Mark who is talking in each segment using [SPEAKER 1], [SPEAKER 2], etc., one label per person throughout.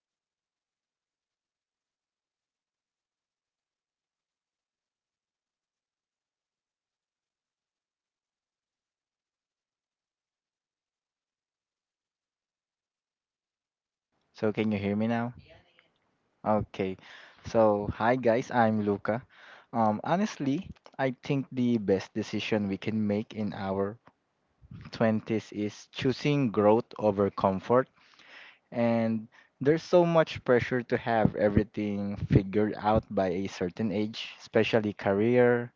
[SPEAKER 1] Hi, can you hear me, guys? Okay. So can you hear me now? Okay. So hi guys, I'm Luca. Honestly, I think the best decision we can make in our 20s is choosing growth over comfort, and there's so much pressure to have everything figured out by a certain age, especially career,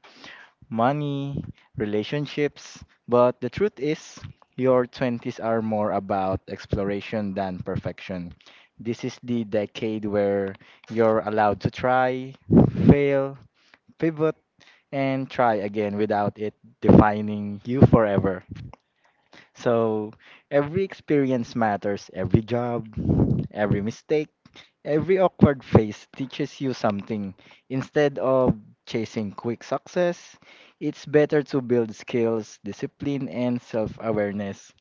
[SPEAKER 1] money, relationships. But the truth is, your 20s are more about exploration than perfection. This is the decade where you're allowed to try, fail, pivot, and try again without it defining you forever. So every experience matters. Every job, every mistake, every awkward phase teaches you something. Instead of chasing quick success, it's better to build skills, discipline, and self awareness.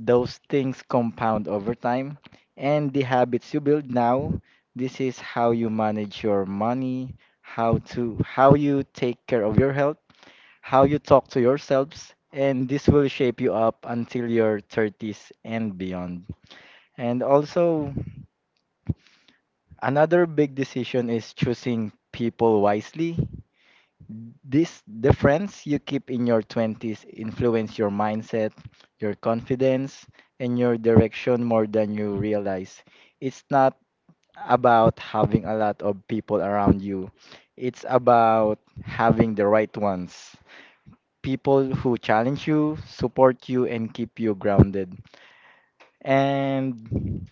[SPEAKER 1] Those things compound over time, and the habits you build now, this is how you manage your money, how you take care of your health, how you talk to yourselves, and this will shape you up until your 30s and beyond. And also, another big decision is choosing people wisely. This the friends you keep in your 20s influence your mindset, your confidence, and your direction more than you realize. It's not about having a lot of people around you. It's about having the right ones. People who challenge you, support you, and keep you grounded. And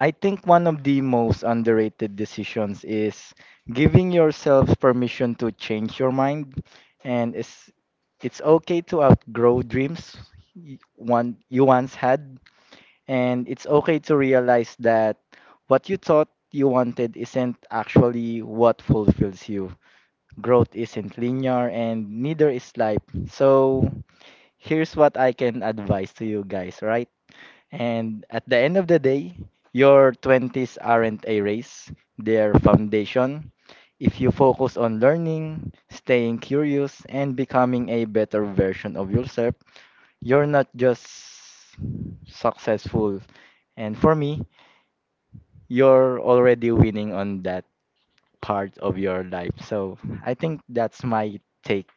[SPEAKER 1] I think one of the most underrated decisions is giving yourself permission to change your mind. And it's, it's okay to outgrow dreams one you once had. And it's okay to realize that what you thought you wanted isn't actually what fulfills you. Growth isn't linear, and neither is life. So, here's what I can advise to you guys, right? And at the end of the day, your 20s aren't a race, they're foundation. If you focus on learning, staying curious, and becoming a better version of yourself, you're not just successful. And for me, you're already winning on that part of your life. So I think that's my take.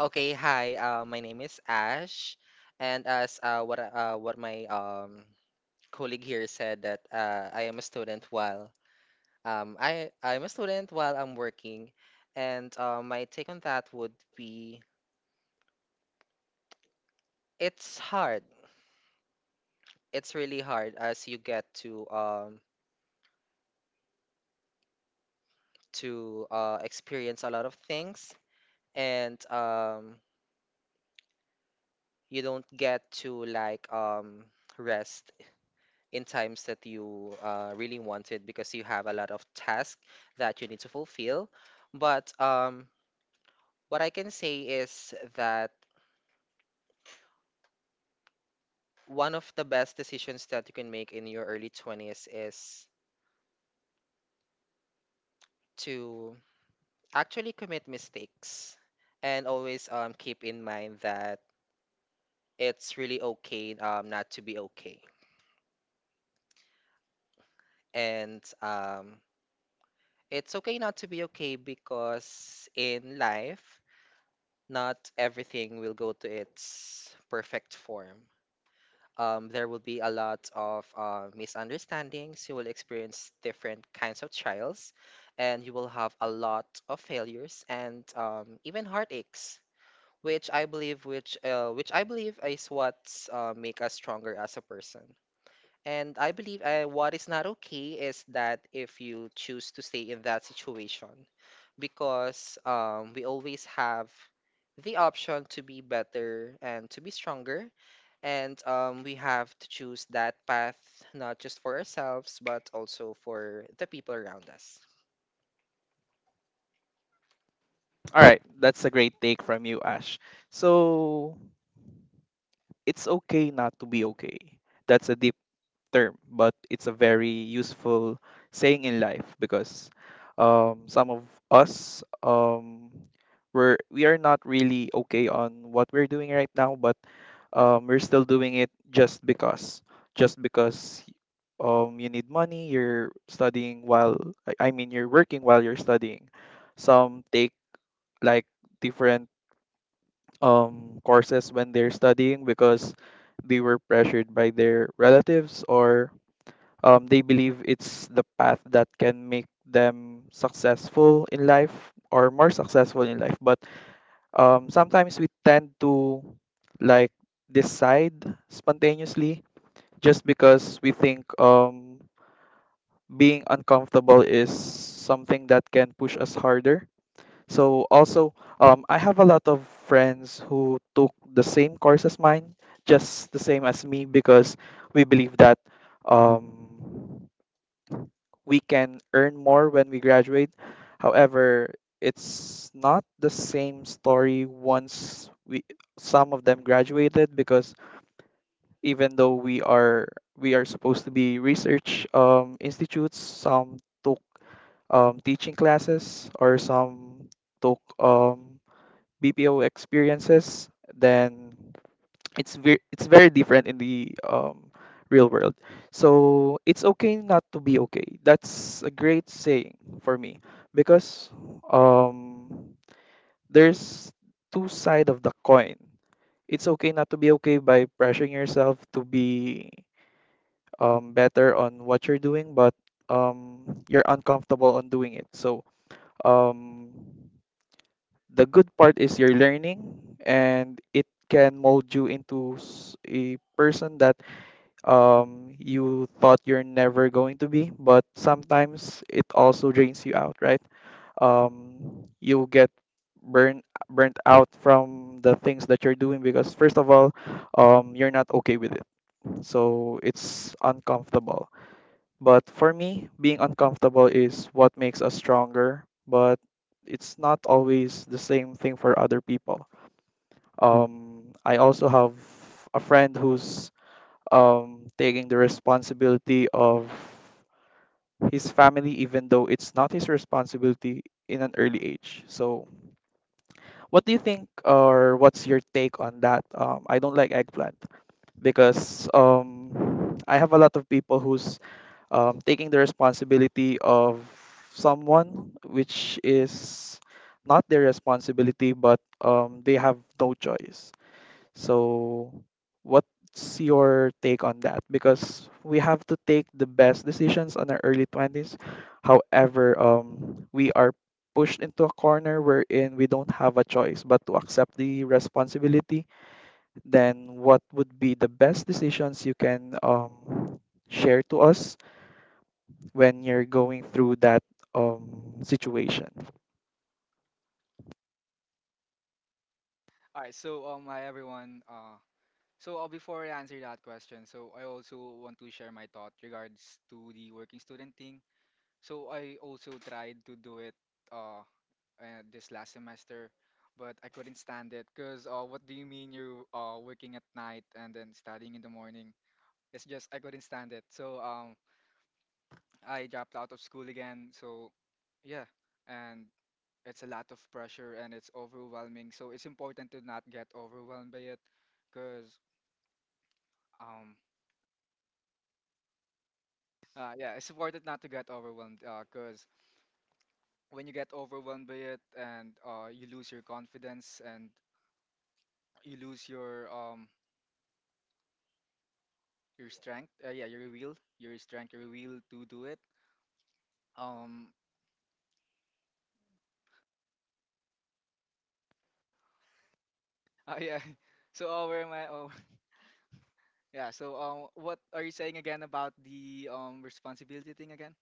[SPEAKER 2] Okay, hi. My name is Ash, and as what my colleague here said that I am a student while I'm a student while I'm working, and my take on that would be it's hard. It's really hard as you get to experience a lot of things, and you don't get to rest in times that you really wanted because you have a lot of tasks that you need to fulfill. But what I can say is that one of the best decisions that you can make in your early 20s is to actually commit mistakes and always keep in mind that it's really okay, not to be okay. And It's okay not to be okay because in life, not everything will go to its perfect form. There will be a lot of misunderstandings. You will experience different kinds of trials, and you will have a lot of failures and even heartaches, which I believe is what make us stronger as a person. And I believe what is not okay is that if you choose to stay in that situation, because we always have the option to be better and to be stronger. And We have to choose that path not just for ourselves, but also for the people around us.
[SPEAKER 3] All right, so Hi everyone. Before I answer that question, so I also want to share my thought regards to the working student thing. So I also tried to do it uh, this last semester, but I couldn't stand it because what do you mean you working at night and then studying in the morning? It's just I couldn't stand it. I dropped out of school again. So yeah, and it's a lot of pressure and it's overwhelming. So it's important to not get overwhelmed by it because um yeah, it's important not to get overwhelmed because when you get overwhelmed by it and you lose your confidence and you lose your strength, yeah, your will, your strength, your will to do it. um yeah. So where am I? Oh. Yeah, so what are you saying again about the responsibility thing again?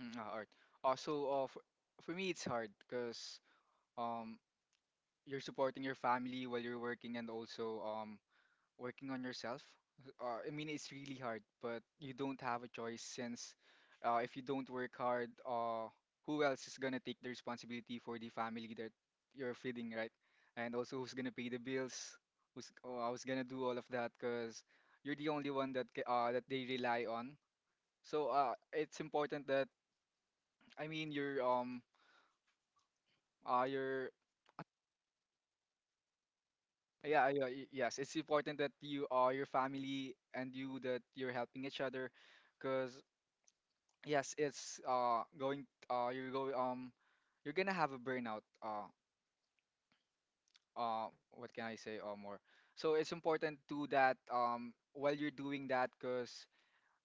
[SPEAKER 3] Art also for me it's hard because um you're supporting your family while you're working and also working on yourself. I mean, it's really hard, but you don't have a choice since, if you don't work hard, who else is gonna take the responsibility for the family that you're feeding, right? And also, who's gonna pay the bills? Who's oh, I was gonna do all of that because you're the only one that that they rely on. So it's important that I mean your yeah, yeah, yes, it's important that you are your family and you that you're helping each other because yes it's going, you go, you're gonna have a burnout. What can I say more? So it's important to that while you're doing that because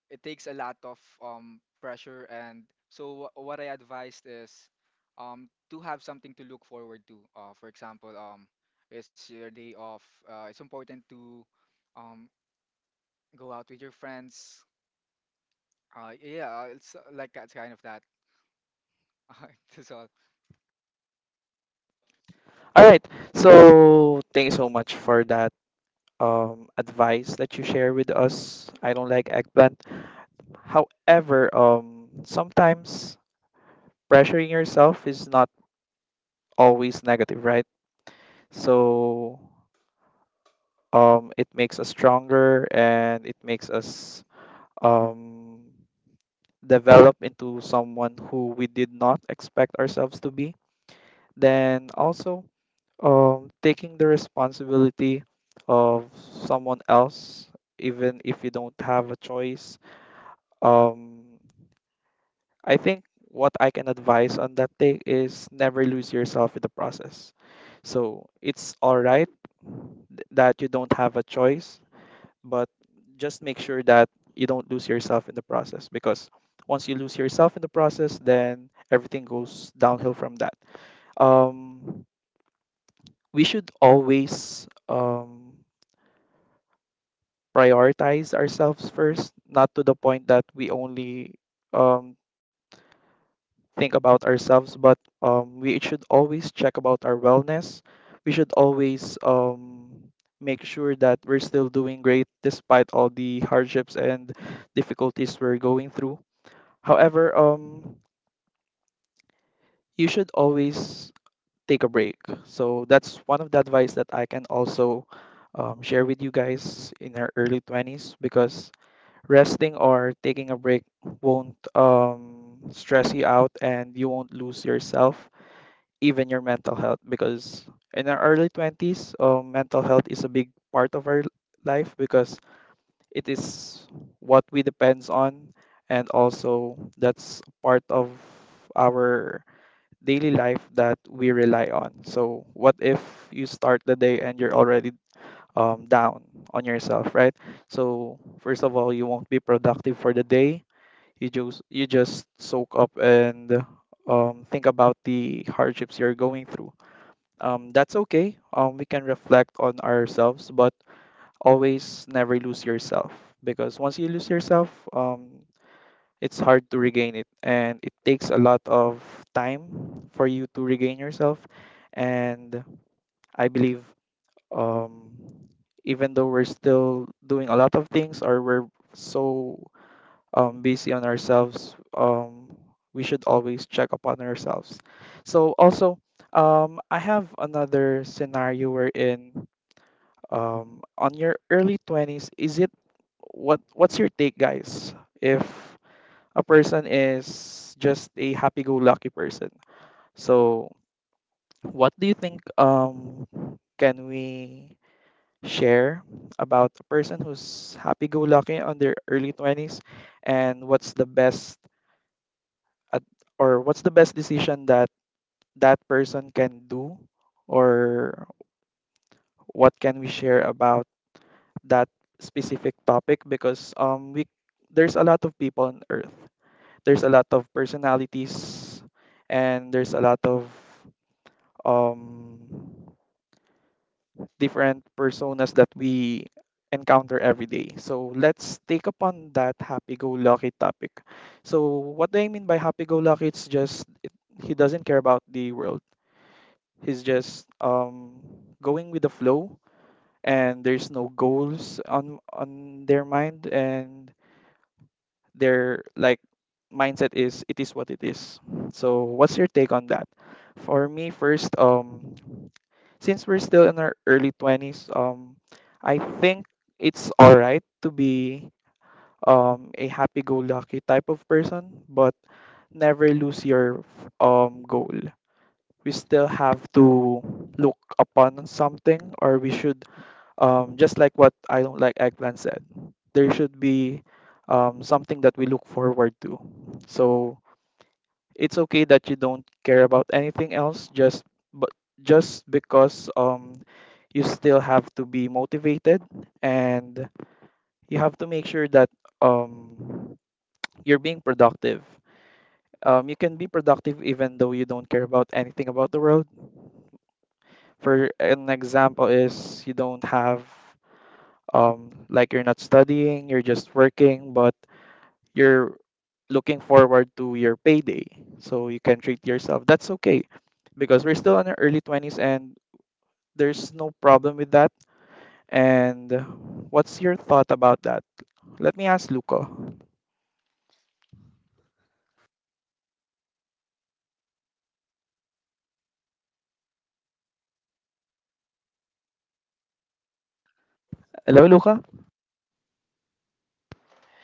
[SPEAKER 3] it takes a lot of pressure and so what I advised is to have something to look forward to. For example, it's your day off, it's important to um go out with your friends. Yeah, it's like that's kind of that. That's all.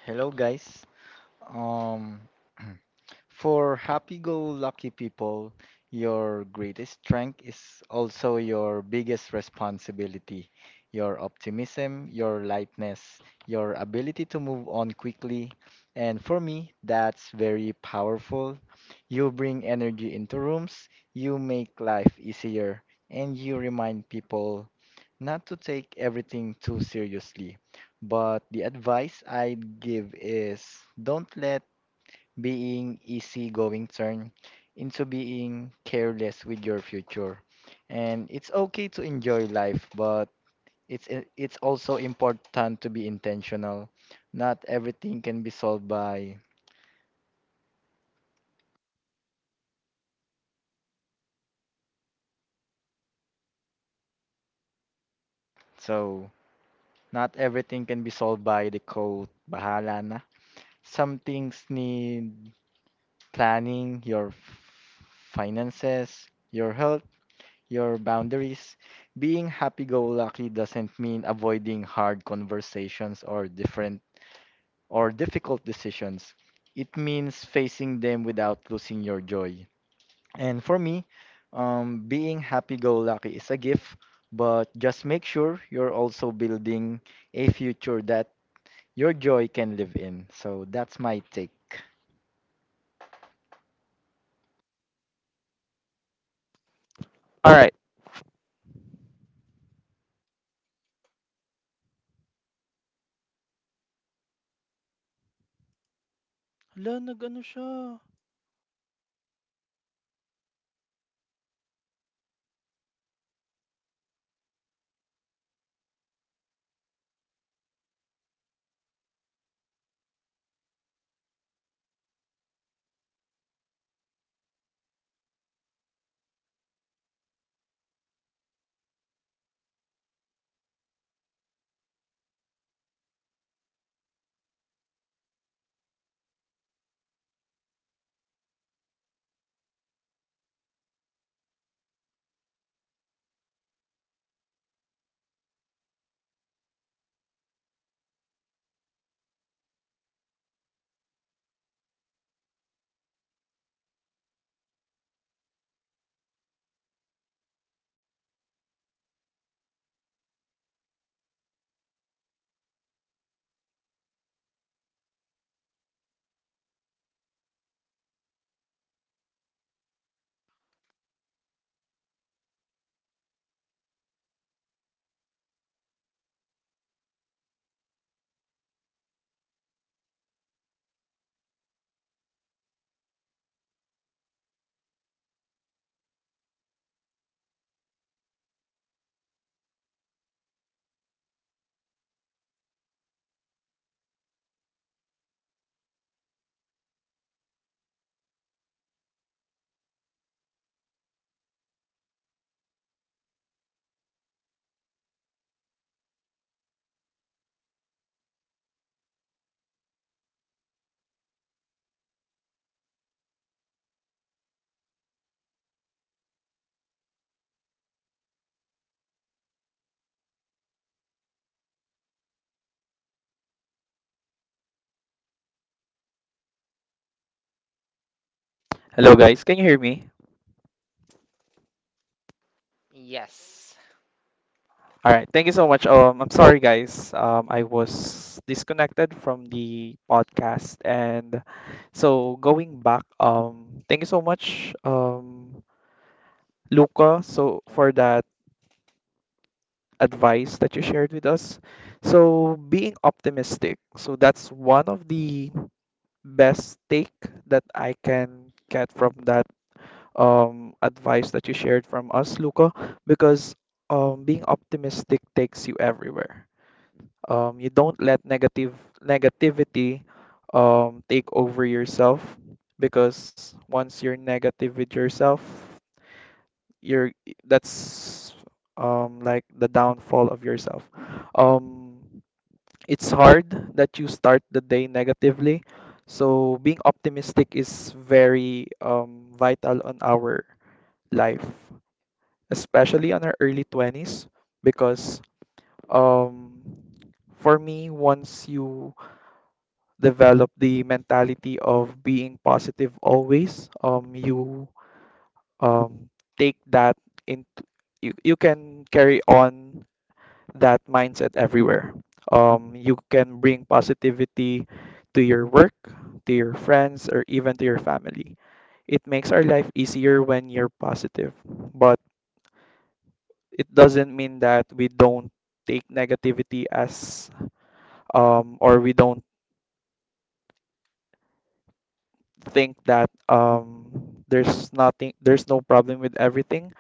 [SPEAKER 1] Hello, guys. Um, For happy go lucky people, your greatest strength is also your biggest responsibility. Your optimism, your lightness, your ability to move on quickly. And for me, that's very powerful. You bring energy into rooms, you make life easier, and you remind people not to take everything too seriously. But the advice I'd give is don't let being easygoing turn into being careless with your future. And it's okay to enjoy life, but it's also important to be intentional. Not everything can be solved by so Not everything can be solved by the code. Bahala na. Some things need planning, your finances, your health, your boundaries. Being happy-go-lucky doesn't mean avoiding hard conversations or different or difficult decisions. It means facing them without losing your joy. And for me, being happy-go-lucky is a gift, but just make sure you're also building a future that your joy can live in. So that's my take.
[SPEAKER 4] Hello guys, can you hear me?
[SPEAKER 2] Yes.
[SPEAKER 4] All right, thank you so much. I'm sorry guys. I was disconnected from the podcast, and so going back. Thank you so much, Luca, so for that advice that you shared with us. So being optimistic. So that's one of the best take that I can get from that advice that you shared from us, Luca, because being optimistic takes you everywhere. You don't let negative negativity take over yourself, because once you're negative with yourself, you're that's like the downfall of yourself. Um, it's hard that you start the day negatively. So being optimistic is very vital on our life, especially on our early 20s, because um, for me, once you develop the mentality of being positive always, you um, take that into you, can carry on that mindset everywhere. You can bring positivity to your work, to your friends, or even to your family. It makes our life easier when you're positive, but it doesn't mean that we don't take negativity as, or we don't think that there's nothing there's no problem with everything,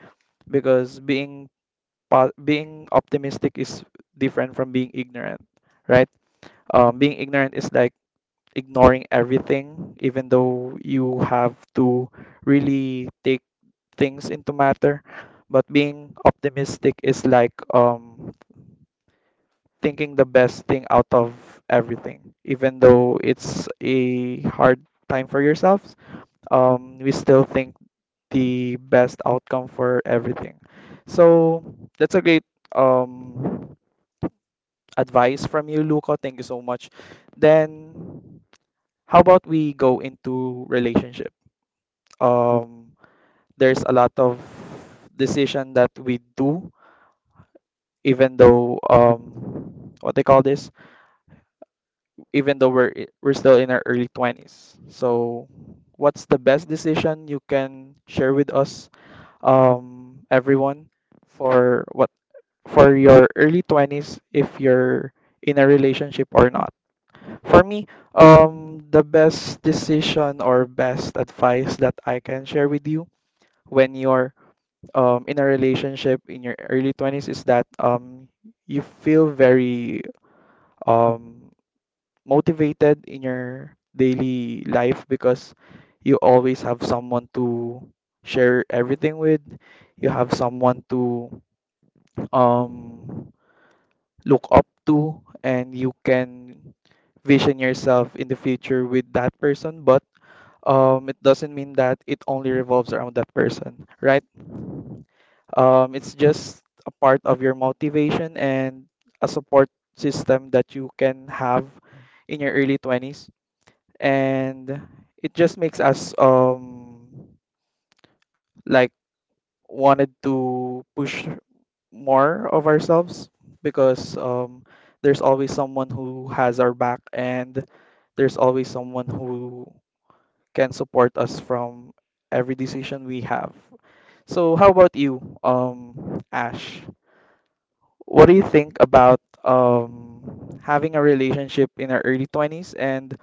[SPEAKER 4] because being being optimistic is different from being ignorant, right? Being ignorant is like ignoring everything even though you have to really take things into matter, but being optimistic is like thinking the best thing out of everything. Even though it's a hard time for yourselves, we still think the best outcome for everything. So that's a great um advice from you, Luca. Thank you so much. Then how about we go into relationship? Um, there's a lot of decision that we do, even though what they call this, even though we're still in our early 20s. So what's the best decision you can share with us, everyone, for what for your early 20s, if you're in a relationship or not. For me, the best decision or best advice that I can share with you when you're, in a relationship in your early 20s, is that, you feel very um, motivated in your daily life, because you always have someone to share everything with. You have someone to, um, look up to, and you can vision yourself in the future with that person. But it doesn't mean that it only revolves around that person, right? It's just a part of your motivation and a support system that you can have in your early 20s, and it just makes us, like, wanted to push more of ourselves, because there's always someone who has our back, and there's always someone who can support us from every decision we have. So how about you, Ash? What do you think about having a relationship in our early 20s, and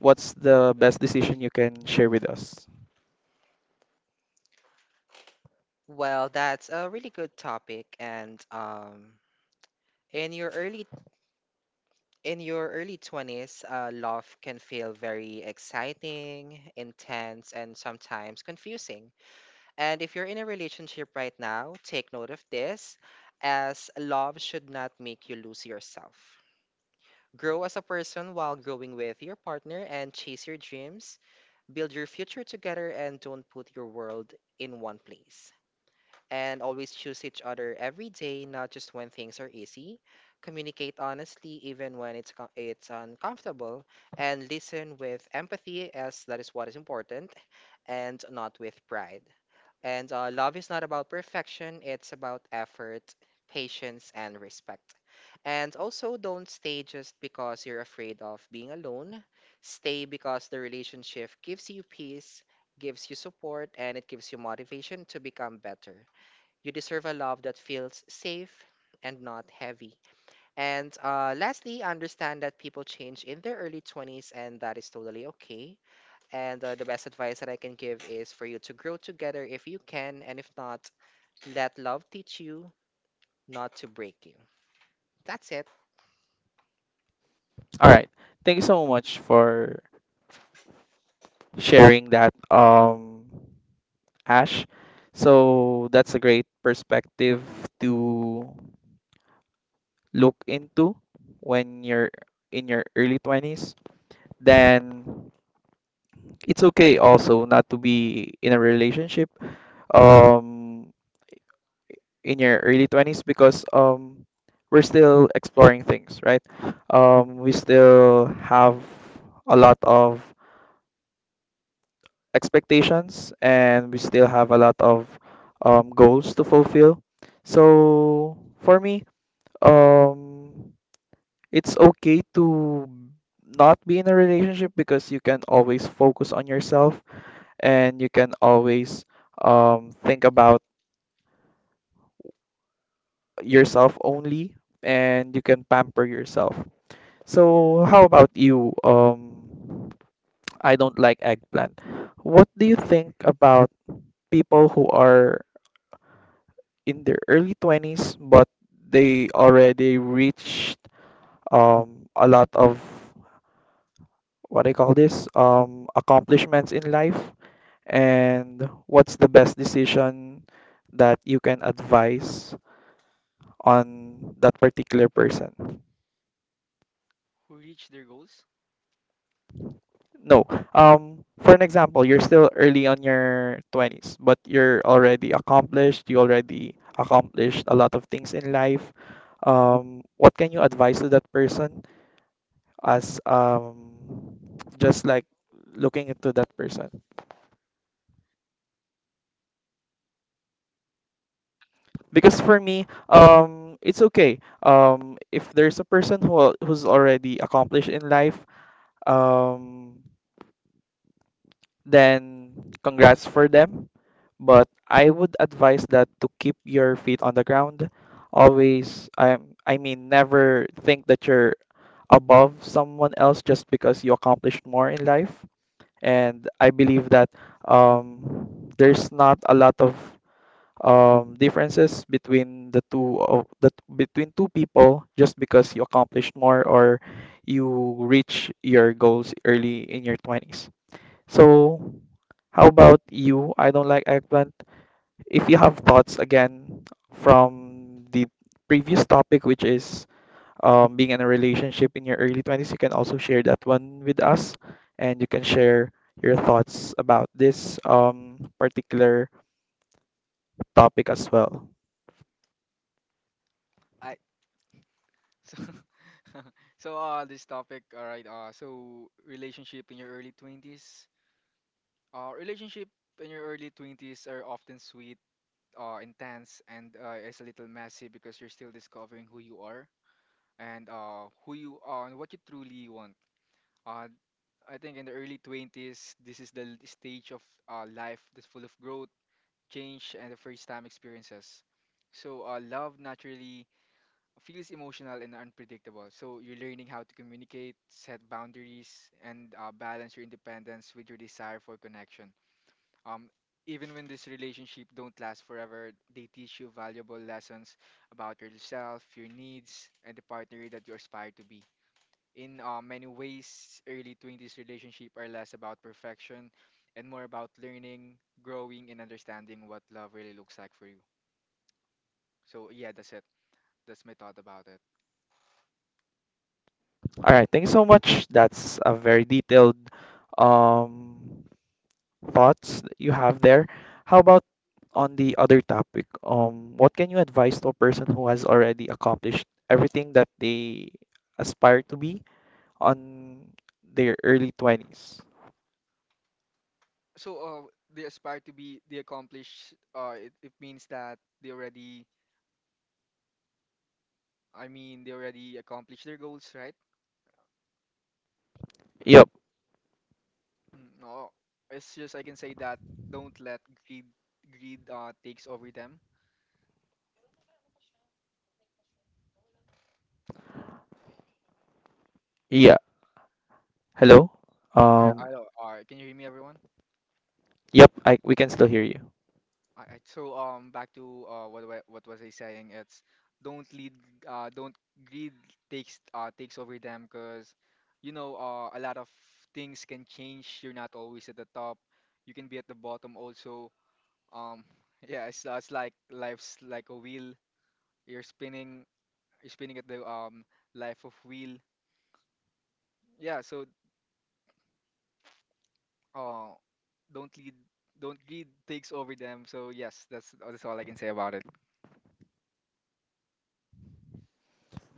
[SPEAKER 4] what's the best decision you can share with us?
[SPEAKER 2] Well, that's a really good topic. And in your early In your early 20s, love can feel very exciting, intense, and sometimes confusing. And if you're in a relationship right now, take note of this, as love should not make you lose yourself. Grow as a person while growing with your partner and chase your dreams, build your future together, and don't put your world in one place and always choose each other every day, not just when things are easy. Communicate honestly, even when it's uncomfortable, and listen with empathy, as that is what is important, and not with pride. And love is not about perfection; it's about effort, patience, and respect. And also, don't stay just because you're afraid of being alone. Stay because the relationship gives you peace, gives you support, and it gives you motivation to become better. You deserve a love that feels safe and not heavy. And lastly, understand that people change in their early 20s, and that is totally okay. And the best advice that I can give is for you to grow together if you can, and if not, let love teach you, not to break you. That's it.
[SPEAKER 4] All right. Thank you so much for sharing that, Ash. So that's a great perspective to look into when you're in your early 20s. Then it's okay also not to be in a relationship um in your early 20s, because we're still exploring things, right? We still have a lot of expectations, and we still have a lot of goals to fulfill. So for me, um it's okay to not be in a relationship, because you can always focus on yourself, and you can always think about yourself only, and you can pamper yourself. So how about you? I don't like eggplant. What do you think about people who are in their early 20s but they already reached a lot of what I call this accomplishments in life, and what's the best decision that you can advise on that particular person?
[SPEAKER 3] Who reach their goals?
[SPEAKER 4] No. For an example, you're still early on your 20s, but you already accomplished a lot of things in life. What can you advise to that person as, just like looking into that person? Because for me, it's okay, if there's a person who's already accomplished in life, um then congrats for them. But I would advise that to keep your feet on the ground always. I mean never think that you're above someone else just because you accomplished more in life. And I believe that there's not a lot of, differences between the two of the between two people just because you accomplished more, or you reach your goals early in your 20s. So, how about you? I don't like eggplant. If you have thoughts again from the previous topic, which is, being in a relationship in your early 20s, you can also share that one with us, and you can share your thoughts about this, particular topic as well.
[SPEAKER 3] I. So, this topic, all right. Relationship in your early 20s. Relationship in your early 20s are often sweet, intense, and is a little messy because you're still discovering who you are and, who you are and what you truly want. Uh, I think in the early 20s, this is the stage of life that's full of growth, change, and the first time experiences. So, love naturally feels emotional and unpredictable. So you're learning how to communicate, set boundaries, and balance your independence with your desire for connection. Um, Even when this relationship don't last forever, they teach you valuable lessons about yourself, your needs, and the partner that you aspire to be. In many ways, early 20s relationship are less about perfection and more about learning, growing, and understanding what love really looks like for you. So yeah, that's it. That's my thought about it.
[SPEAKER 4] All right, thank you so much. That's a very detailed um thoughts that you have there. How about on the other topic? What can you advise to a person who has already accomplished everything that they aspire to be on their early 20s? Yep. Yeah. Hello? Um, yep, I we can still hear you.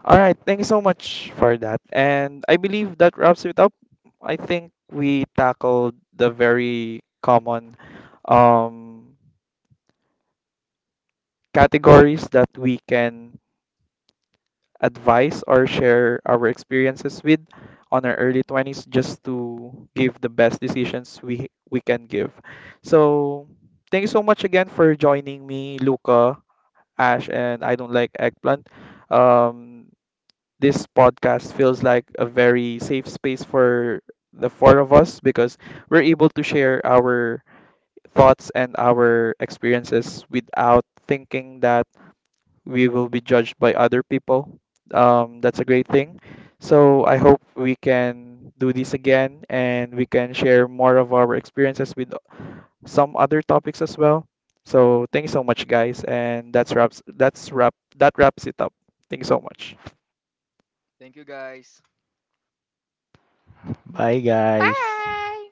[SPEAKER 4] All right, thank you so much for that. And I believe that wraps it up. I think we tackled the very common, um, categories that we can advise or share our experiences with on our early 20s, just to give the best decisions we can give. So, thank you so much again for joining me, Luca, Ash, and I don't like eggplant. Um, This podcast feels like a very safe space for the four of us, because we're able to share our thoughts and our experiences without thinking that we will be judged by other people. That's a great thing. So I hope we can do this again, and we can share more of our experiences with some other topics as well. So thank you so much guys, and that wraps it up. Thank you so much.
[SPEAKER 1] Bye, guys.
[SPEAKER 2] Bye!